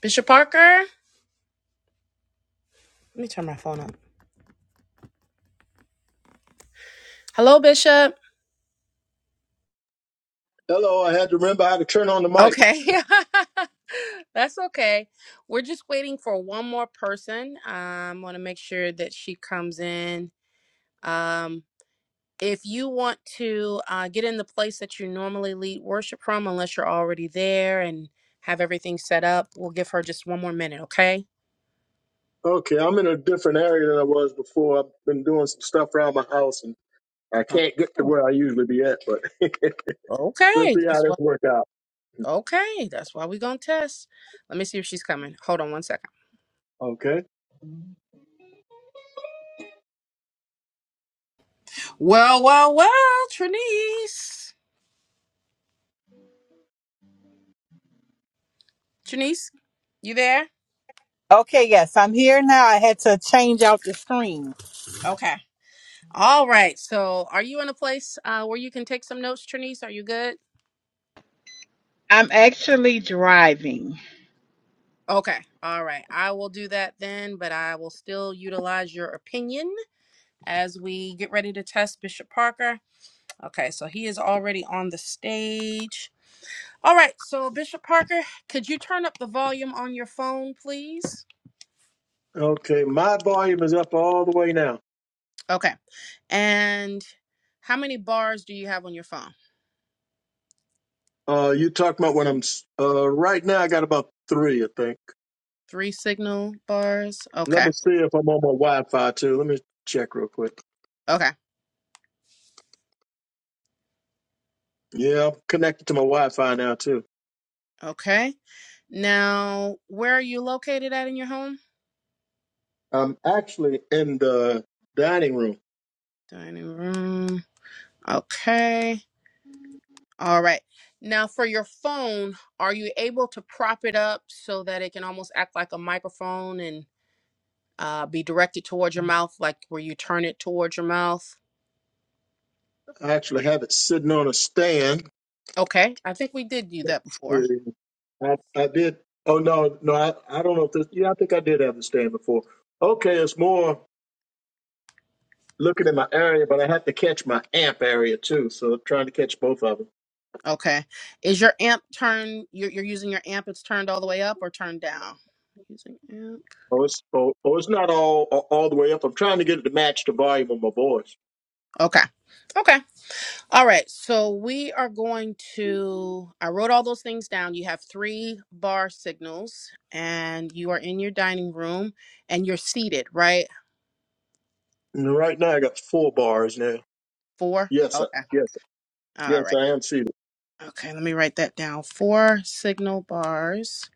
Bishop Parker? Let me turn my phone up. Hello, Bishop. Hello, I had to remember how to turn on the mic. Okay. That's okay. We're just waiting for one more person. Um, want to make sure that she comes in. Um, if you want to uh, get in the place that you normally lead worship from, unless you're already there and have everything set up, we'll give her just one more minute, okay? Okay, I'm in a different area than I was before. I've been doing some stuff around my house and I can't get to Oh, where I usually be at, but we'll okay. see how That's this what. work out. Okay, that's why we're gonna test. Let me see if she's coming. Hold on one second. Okay. Well, well, well, Trinice. Trinice, you there? Okay, yes, I'm here now. I had to change out the screen. Okay. All right. So, are you in a place uh, where you can take some notes, Trinice? Are you good? I'm actually driving. Okay. All right. I will do that then, but I will still utilize your opinion as we get ready to test Bishop Parker. Okay. So, he is already on the stage. All right. So, Bishop Parker, could you turn up the volume on your phone, please? Okay, my volume is up all the way now. Okay. And how many bars do you have on your phone? Uh, you talking about when I'm, s- uh, right now I got about three, I think. Three signal bars. Let Okay. me see if I'm on my Wi-Fi too. Let me check real quick. Okay. Yeah, I'm connected to my Wi-Fi now too. Okay. Now, where are you located at in your home? I'm actually in the dining room. Dining room. Okay. All right. Now, for your phone, are you able to prop it up so that it can almost act like a microphone and uh, be directed towards your mouth, like where you turn it towards your mouth? I actually have it sitting on a stand Okay. I think we did do that before. I, I did. Oh no, no, I, I don't know if this. Yeah, I think I did have the stand before. Okay, it's more looking at my area, but I had to catch my amp area too. So I'm trying to catch both of them. Okay. Is your amp turned? You're, you're using your amp, it's turned all the way up or turned down? Using amp. Oh, it's oh, oh, it's not all all all the way up. I'm trying to get it to match the volume of my voice. Okay. Okay. All right, so we are going to. I wrote all those things down. You have three bar signals, and you are in your dining room, and you're seated, right? And right now, I got four bars now. Four? Yes, sir. Okay. Yes, sir. All yes, right. I am seated. Okay, let me write that down. Four signal bars,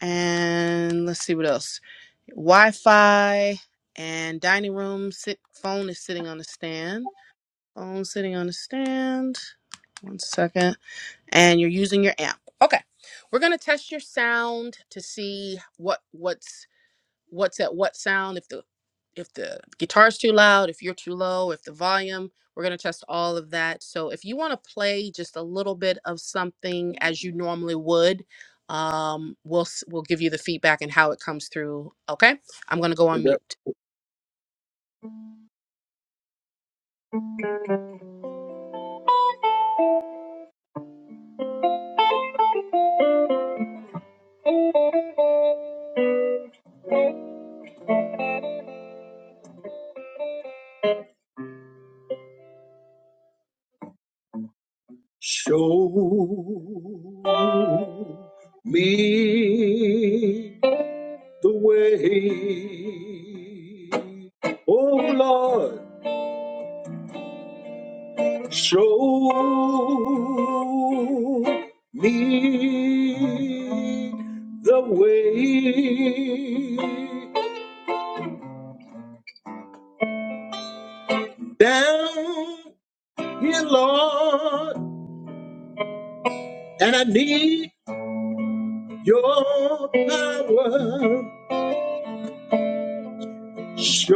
and let's see what else. Wi Fi and dining room. Sit, phone is sitting on the stand. Phone sitting on the stand. One second. and you're using your amp. Okay. We're going to test your sound to see what what's what's at what sound if the if the guitar's too loud, if you're too low, if the volume, we're going to test all of that. So if you want to play just a little bit of something as you normally would, um we'll s- we'll give you the feedback and how it comes through, okay? I'm going to go Is on that mute. show me the way. Oh Lord, show me the way down here, Lord, and I need your power Show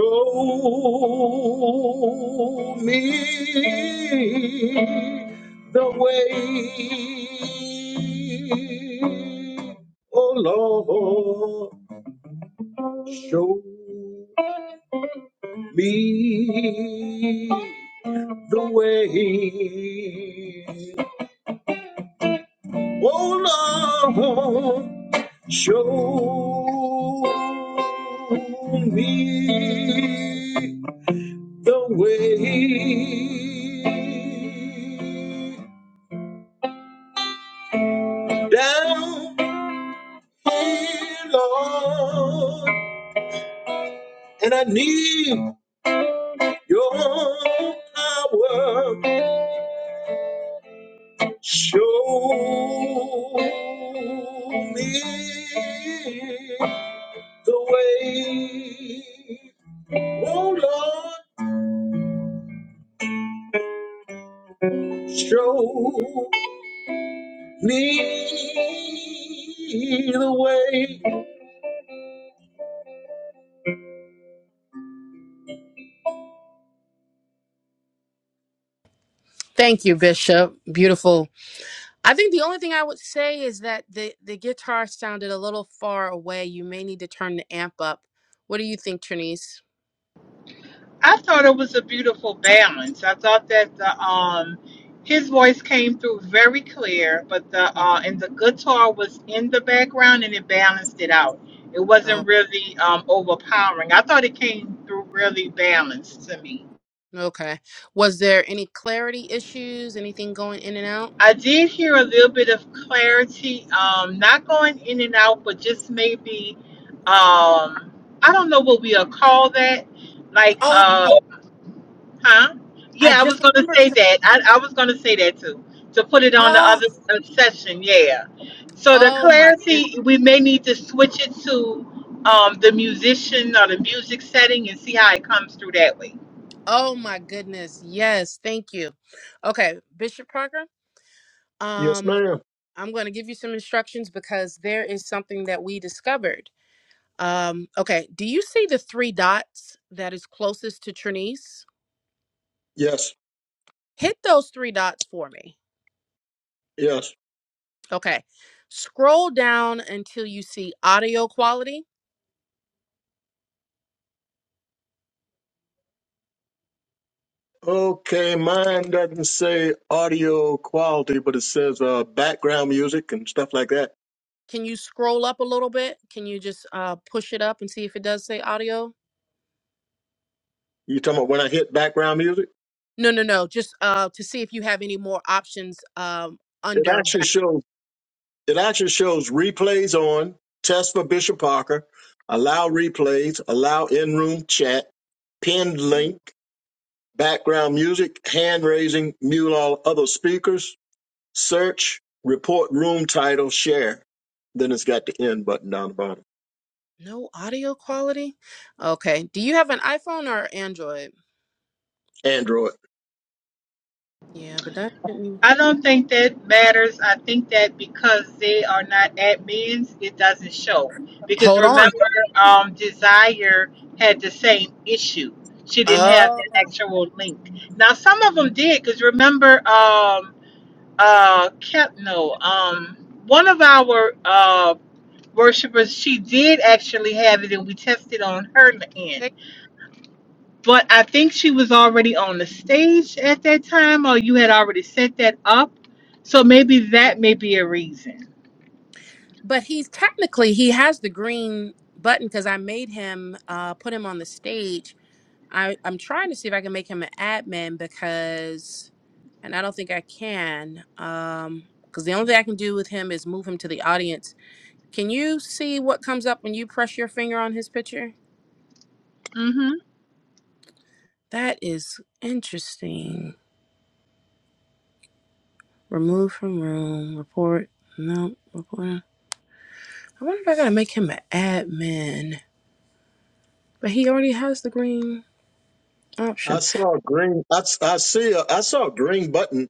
me the way, oh Lord. Show me the way, oh Lord. Show me the way down here, Lord, and I need your power. Show me the way. Oh Lord, show me the way. Thank you, Bishop. Beautiful I think the only thing I would say is that the the guitar sounded a little far away. You may need to turn the amp up. What do you think, Trinise? I thought it was a beautiful balance. I thought that the um his voice came through very clear, but the Mm, uh and the guitar was in the background and it balanced it out. It Oh, wasn't really um overpowering. I thought it came through really balanced to me. okay. Was there any clarity issues? Anything going in and out? I did hear a little bit of clarity, um, not going in and out, but just maybe, um, I don't know what we'll call that. Like, Oh, uh, huh? I Yeah, I was just going to remembered. say Some, that. I, I was going to say that too, to put it on the oh, other uh, session. Yeah. So the oh my good. clarity, we may need to switch it to um, the musician or the music setting and see how it comes through that way. Oh my goodness. Yes, thank you. Okay, Bishop Parker. Yes, Um, ma'am. I'm going to give you some instructions because there is something that we discovered. Um, okay. Do you see the three dots that is closest to Trinice? Yes, Hit those three dots for me. yes. Okay. Scroll down until you see audio quality. Okay, mine doesn't say audio quality, but it says uh, background music and stuff like that. Can you scroll up a little bit? Can you just uh, push it up and see if it does say audio? You talking about when I hit background music? No, no, no. Just uh, to see if you have any more options um, It under actually back. shows. It actually shows replays on test for Bishop Parker, allow replays, allow in-room chat, pinned link, Ooh, background music, hand raising, mute all other speakers, search, report room title, share. Then it's got the end button down the bottom. No audio quality. Okay. Do you have an iPhone or Android? Android. Yeah, but that shouldn't. I don't think that matters. I think that because they are not admins, it doesn't show. Because Hold on. remember, um, Desire had the same issue. She didn't have the Oh. actual link. Now, some of them did, because remember, um, uh, kept no, um, one of our uh worshipers, she did actually have it, and we tested on her end. But I think she was already on the stage at that time, or you had already set that up. So maybe They- that may be a reason. but he's technically he has the green button because I made him uh put him on the stage. I I'm trying to see if I can make him an admin because, and I don't think I can. Um, because the only thing I can do with him is move him to the audience. Can you see what comes up when you press your finger on his picture? hmm That is interesting. Remove from room. Report. No. Report. I wonder if I gotta make him an admin. But he already has the green I option. saw a green. I, s- I see. A, I saw a green button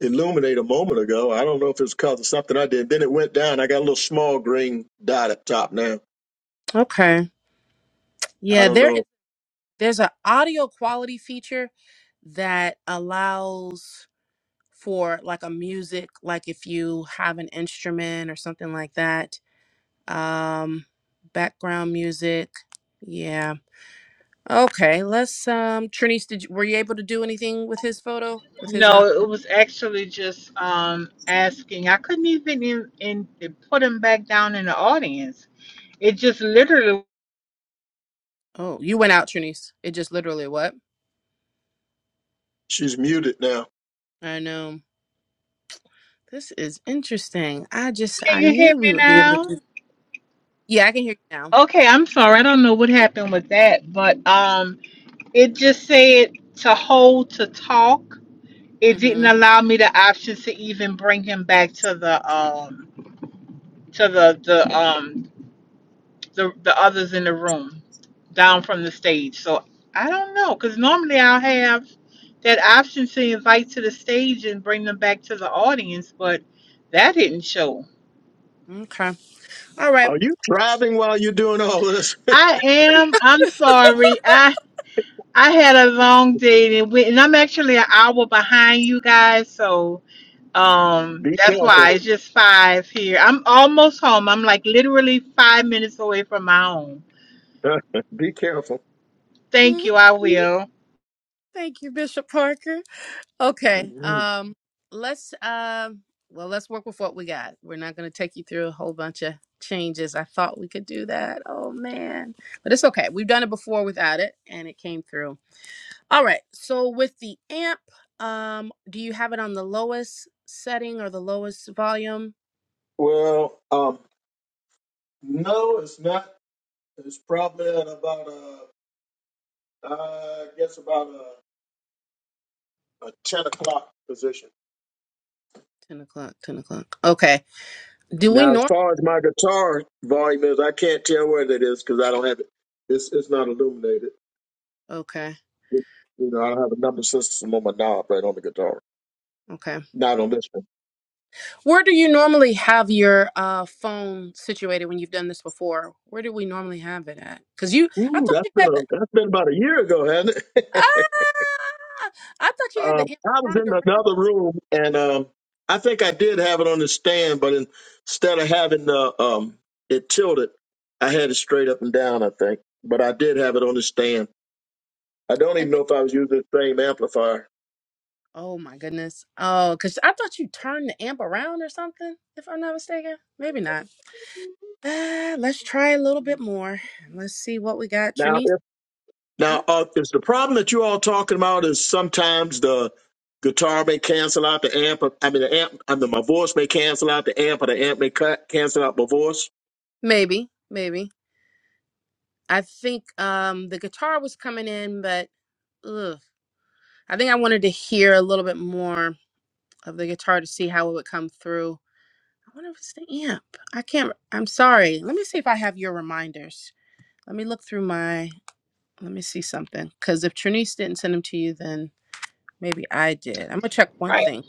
illuminate a moment ago. I don't know if it's because of something I did. Then it went down. I got a little small green dot up top now. Okay. I Yeah, don't there is know. there's an audio quality feature that allows for like a music, like if you have an instrument or something like that. Um background music. Yeah. Okay, let's um Trinice, did you, were you able to do anything with his photo? With his No, um it was actually just um, asking. I couldn't even in, in put him back down in the audience. It just literally. Oh, you went out, Trinice. It just literally what? She's muted now. I know. This is interesting. I just Can I you hear knew we me would be able to now? do Yeah, I can hear you now. Okay, I'm sorry. I don't know what happened with that, but um, it just said to hold to talk. It didn't Mm-hmm. allow me the options to even bring him back to the um to the the um the the others in the room down from the stage. So I don't know, cause normally I'll have that option to invite to the stage and bring them back to the audience, but that didn't show. Okay. All right. Are you driving while you're doing all this? I am. I'm sorry. I I had a long day and, we, and I'm actually an hour behind you guys, so um Be that's careful. why it's just five here. I'm almost home. I'm like literally five minutes away from my home. Be careful. Thank you. I will. Thank you, Bishop Parker. Okay, Mhm. um, let's um, well, let's work with what we got. We're not going to take you through a whole bunch of changes. I thought we could do that. Oh man, but it's okay. We've done it before without it, and it came through. All right. So with the amp, um, do you have it on the lowest setting or the lowest volume? Well, um, no, it's not. It's probably at about uh, I guess about a, a ten o'clock position. Ten o'clock. Ten o'clock. Okay. Do we Now, as norm? far as my guitar volume is, I can't tell where that is because I don't have it. It's it's not illuminated. Okay. It, you know, I don't have a number system on my knob right on the guitar. Okay. Not on this one. Where do you normally have your uh, phone situated when you've done this before? Where do we normally have it at? Because you, I Ooh, thought that's you been had a, the, that's been about a year ago, hasn't it? ah, I thought you had um, the amp I was in turned around, another room, and um, I think I did have it on the stand, but in, instead of having the um, it tilted, I had it straight up and down. I think, but I did have it on the stand. I don't and even you. know if I was using the same amplifier. Oh my goodness. Oh, because I thought you turned the amp around or something. If I'm not mistaken, maybe not. Uh, let's try a little bit more. Let's see what we got, Now, Trinice. Hmm? Now, uh, is the problem that you all talking about is sometimes the guitar may cancel out the amp? I mean, the amp. I mean, my voice may cancel out the amp, or the amp may cut, cancel out my voice. Maybe, maybe. I think um the guitar was coming in, but ugh. I think I wanted to hear a little bit more. of the guitar to see how it would come through. I wonder if it's the amp. I can't. I'm sorry. Let me see if I have your reminders. Let me look through my. Let me see something. Because if Trinice didn't send them to you, then maybe I did. I'm gonna check one thing.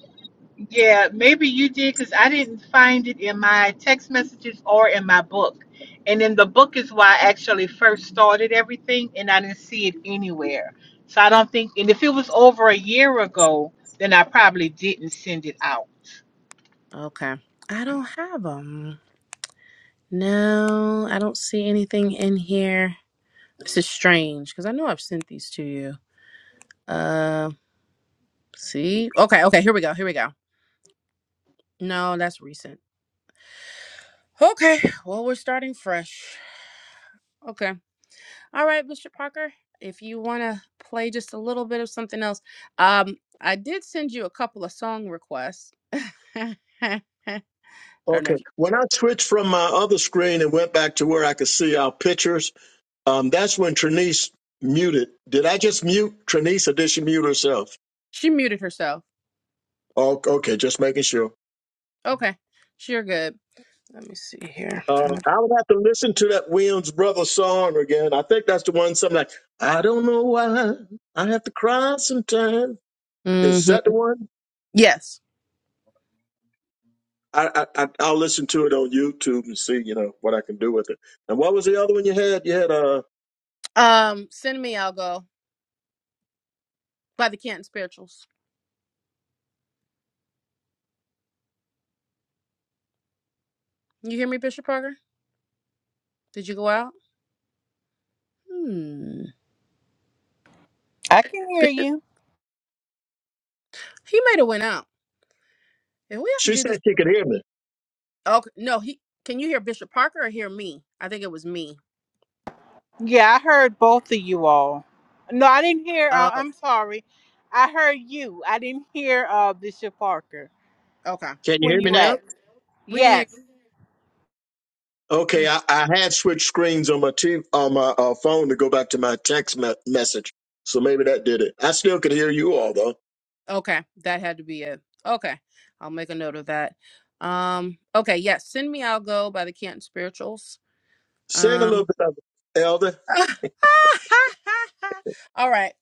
Yeah, maybe you did because I didn't find it in my text messages or in my book. And in the book is why I actually first started everything, and I didn't see it anywhere. So I don't think, and if it was over a year ago, then I probably didn't send it out. Okay. I don't have them. No, I don't see anything in here. This is strange because I know I've sent these to you. Uh, see. Okay. Okay. Here we go. Here we go. No, that's recent. Okay. Well, we're starting fresh. Okay. All right, Mr. Parker, if you want to play just a little bit of something else, um, I did send you a couple of song requests. I don't know Okay. if you, When I switched from my other screen and went back to where I could see our pictures, um, that's when Trinice muted. Did I just mute Trinice, or did she mute herself? she muted herself. Oh, okay. Just making sure. Okay, she good. Let me see here. Uh, I would have to listen to that Williams brother song again. I think that's the one. Something like I don't know why I have to cry sometimes. Is that Mm-hmm. the one? Yes. I, I I- I'll listen to it on YouTube and see you know what I can do with it. And what was the other one you had? You had uh. Um, send me. I'll go by the Canton Spirituals. You hear me, Bishop Parker? Did you go out? Hmm. I can hear Bishop, you. he might have went out. If we have She to do this, said she could hear me. okay. No, he. Can you hear Bishop Parker or hear me? I think it was me. Yeah, I heard both of you all. No, I didn't hear. Uh, Oh, I'm sorry. I heard you. I didn't hear uh, Bishop Parker. okay. Can you When hear me you now? at? We can hear you. Yes, Okay, Mm, I, I had switched screens on my TV, on my uh, phone to go back to my text me- message, so maybe that did it. I still could hear you all though. okay, that had to be it. Okay, I'll make a note of that. Um, okay, yes, send me. I'll go by the Canton Spirituals. Sing a Um, little bit of it, Elder. all right.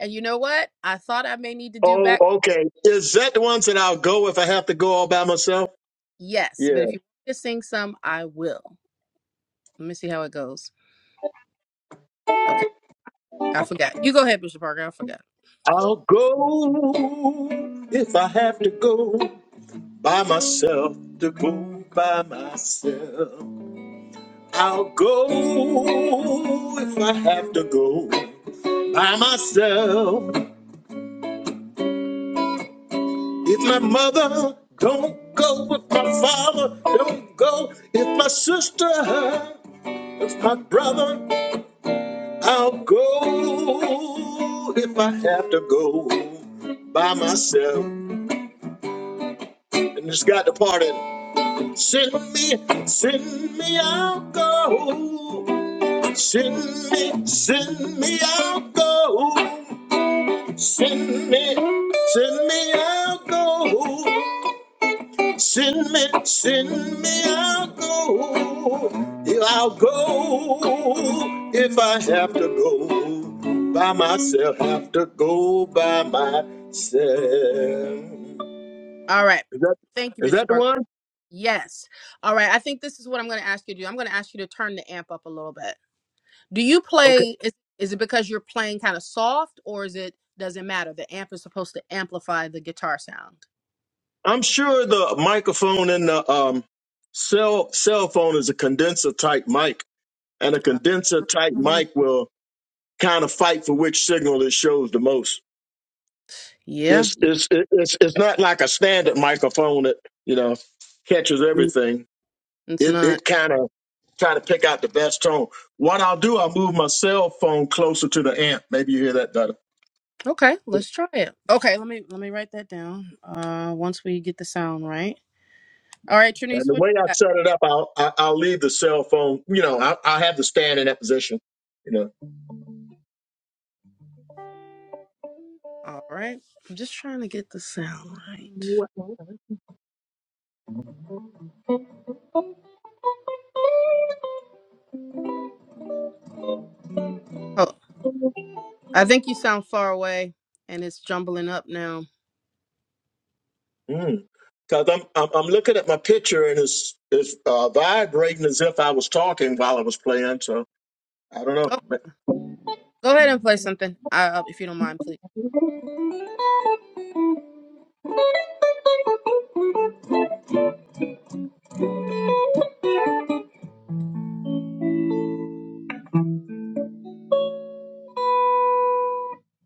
And you know what? I thought I may need to do Oh, back. okay. Is that the ones that I'll go if I have to go all by myself? Yes, but Yeah. if you want me to sing some, I will. Let me see how it goes. Okay. I forgot. You go ahead, Bishop Parker. I forgot. I'll go if I have to go. by myself to go by myself. I'll go if I have to go by myself. If my mother don't go, if my father don't go, if my sister, if my brother, I'll go if I have to go by myself. And it's got the part in it. Send me, send me, I'll go. Send me, send me, I'll go. Send me, send me, I'll go. Send me, send me, I'll go. Yeah, I'll go if I have to go by myself. Have to go by myself. All right. Is that Thank you, is that Bishop the Parker. one? Yes. All right. I think this is what I'm going to ask you to do. I'm going to ask you to turn the amp up a little bit. Do you Okay. play? Is, is it because you're playing kind of soft, or is it does it matter? The amp is supposed to amplify the guitar sound. I'm sure the microphone in the um cell cell phone is a condenser type mic and a Uh, condenser type mic will kind of fight for which signal it shows the most. yeah, It's you- it's it's it's not like a standard microphone that you know catches everything. it's It not. it kind of try to pick out the best tone. What I'll do, I'll move my cell phone closer to the amp. Maybe you hear that better. Okay, let's try it. Okay, let me let me write that down. Uh, once we get the sound right. All right, And Trinise, the what way I you got? set it up, I'll I- I'll leave the cell phone. You know, I'll, I'll have the stand in that position. You know. All right, I'm just trying to get the sound right. Oh, I think you sound far away, and it's jumbling up now. Mm. Cause I'm, I'm I'm looking at my picture and it's it's uh, vibrating as if I was talking while I was playing. So I don't know. Oh, But go ahead and play something, uh, if you don't mind, please.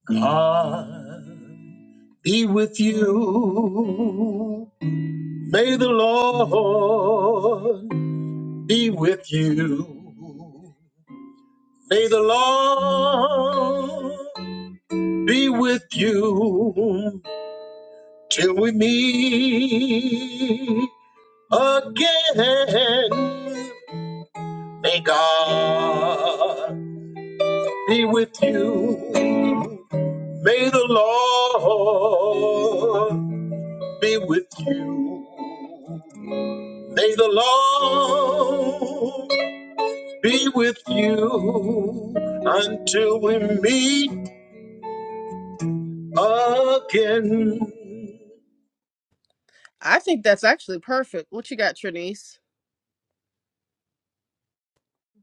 God be with you. May the Lord be with you. May the Lord be with you till we meet again. May God be with you. May the Lord be with you. May the Lord be with you until we meet again. I think that's actually perfect. What you got, Trinise?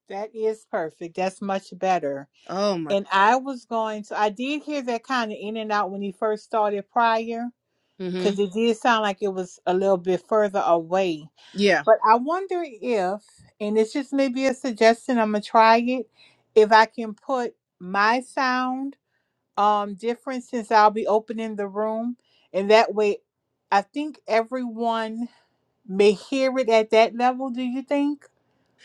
that is perfect. That's much better. Oh my. And I was going to, I did hear that kind of in and out when he first started prior, Mm-hmm. because it did sound like it was a little bit further away. Yeah. But I wonder if, and it's just maybe a suggestion, I'm going to try it, if I can put my sound um different since I'll be opening the room. And that way, I think everyone may hear it at that level, do you think?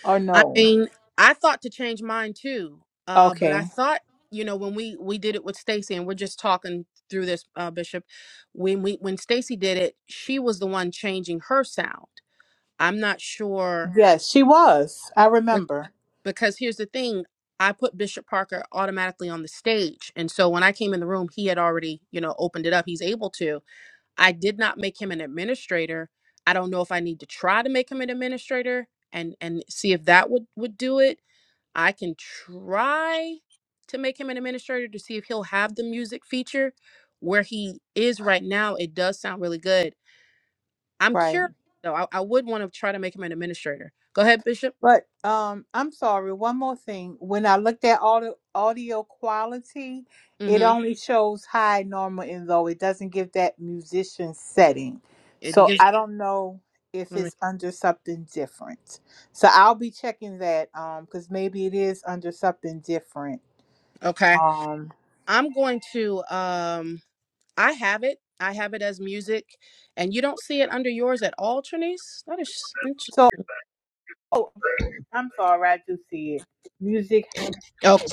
Or I no? mean, I thought to change mine too, uh, but I Okay. thought, you know, when we we did it with Stacy, and we're just talking through this, uh, Bishop. When we when Stacy did it, she was the one changing her sound. I'm not sure Yes, she was. I be- remember. because here's the thing: I put Bishop Parker automatically on the stage, and so when I came in the room, he had already, you know, opened it up. He's able to. I did not make him an administrator. I don't know if I need to try to make him an administrator and and see if that would would do it I can try to make him an administrator to see if he'll have the music feature where he is right now. It does sound really good. I'm Right. curious though. I, I would want to try to make him an administrator. Go ahead, Bishop. But um, I'm sorry. One more thing. When I looked at audio audio quality, it Mm-hmm. only shows high, normal, and low. It doesn't give that musician setting. It So gives. I don't know if Let me. it's under something different. So I'll be checking that um because maybe it is under something different. Okay. Um. I'm going to. Um. I have it. I have it as music, and you don't see it under yours at all, Trinice. That is interesting. So oh, I'm sorry. I do see it. Music. Tina, Okay.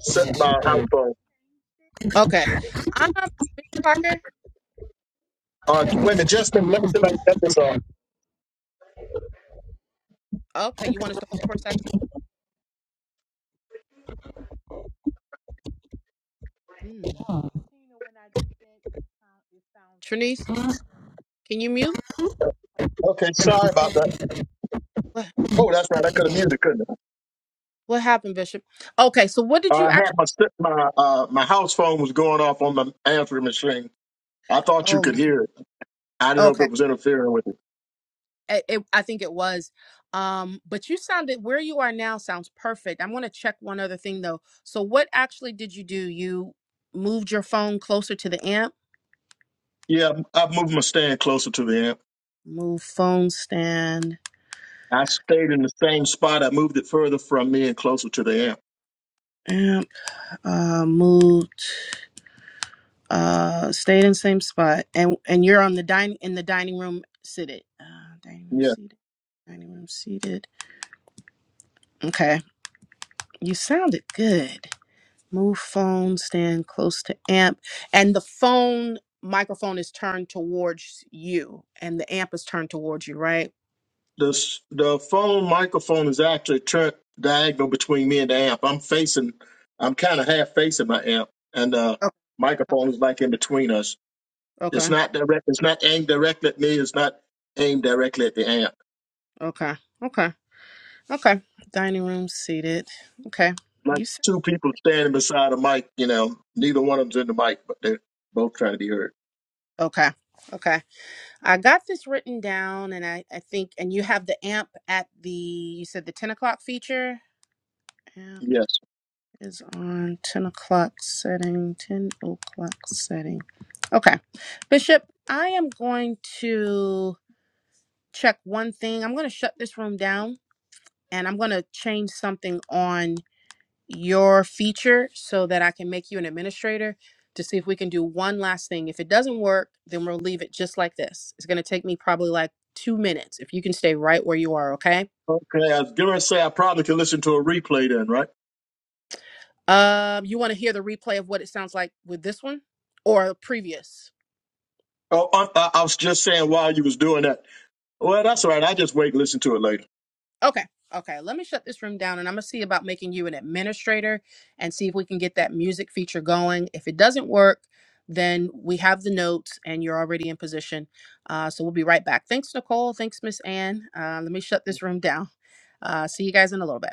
So- Okay. Um, Bishop Parker. uh, wait a minute, just a minute. Let me see if I can get this off. Okay. You want us to hold for a second? Hmm. When I did that, it sound- it sounds. Trinice, can you mute? I'm sorry. Okay, sorry about that. Oh, that's right. I could have muted, couldn't I? What happened, Bishop? Okay, so what Uh, did I you had actually? my st- my uh, my house phone was going off on the answering machine. I thought you Oh my could God. hear it. I didn't know if it Okay, was interfering with it. I- it, I think it was. Um, but you sounded where you are now sounds perfect. I'm going to check one other thing though. So what actually did you do? You moved your phone closer to the amp. Yeah, I moved my stand closer to the amp. Move phone stand. I stayed in the same spot. I moved it further from me and closer to the amp. Amp. Uh, moved. Uh, stayed in same spot. And and you're on the dining in the dining room seated. Uh, dining room Yeah. seated. Dining room seated. Okay, you sounded good. Move phone, stand close to amp. And the phone microphone is turned towards you, and the amp is turned towards you, right? The, the phone microphone is actually turned diagonal between me and the amp. I'm facing, I'm kind of half facing my amp, and the Okay. microphone is like in between us. Okay. It's not direct. It's not aimed directly at me. It's not aimed directly at the amp. Okay. Okay. Okay. Dining room seated. Okay. Like You said, two people standing beside a mic, you know, neither one of them's in the mic, but they're both trying to be heard. okay. Okay. I got this written down, and I, I think, and you have the amp at the, you said the 10 o'clock feature. Yes. is on 10 o'clock setting, 10 o'clock setting. Okay. Bishop, I am going to check one thing. I'm going to shut this room down and I'm going to change something on your feature so that I can make you an administrator to see if we can do one last thing. If it doesn't work, then we'll leave it just like this. It's going to take me probably like two minutes if you can stay right where you are, okay? Okay, I was gonna say I probably can listen to a replay then, right? Um, you want to hear the replay of what it sounds like with this one or previous? Oh, I, I I was just saying while you was doing that. Well, that's all right. I just wait and listen to it later. Okay. Okay. Let me shut this room down and I'm going to see about making you an administrator and see if we can get that music feature going. If it doesn't work, then we have the notes and you're already in position. Uh, so we'll be right back. Thanks, Nicole. Thanks, Miss Ann. Uh, let me shut this room down. Uh, see you guys in a little bit.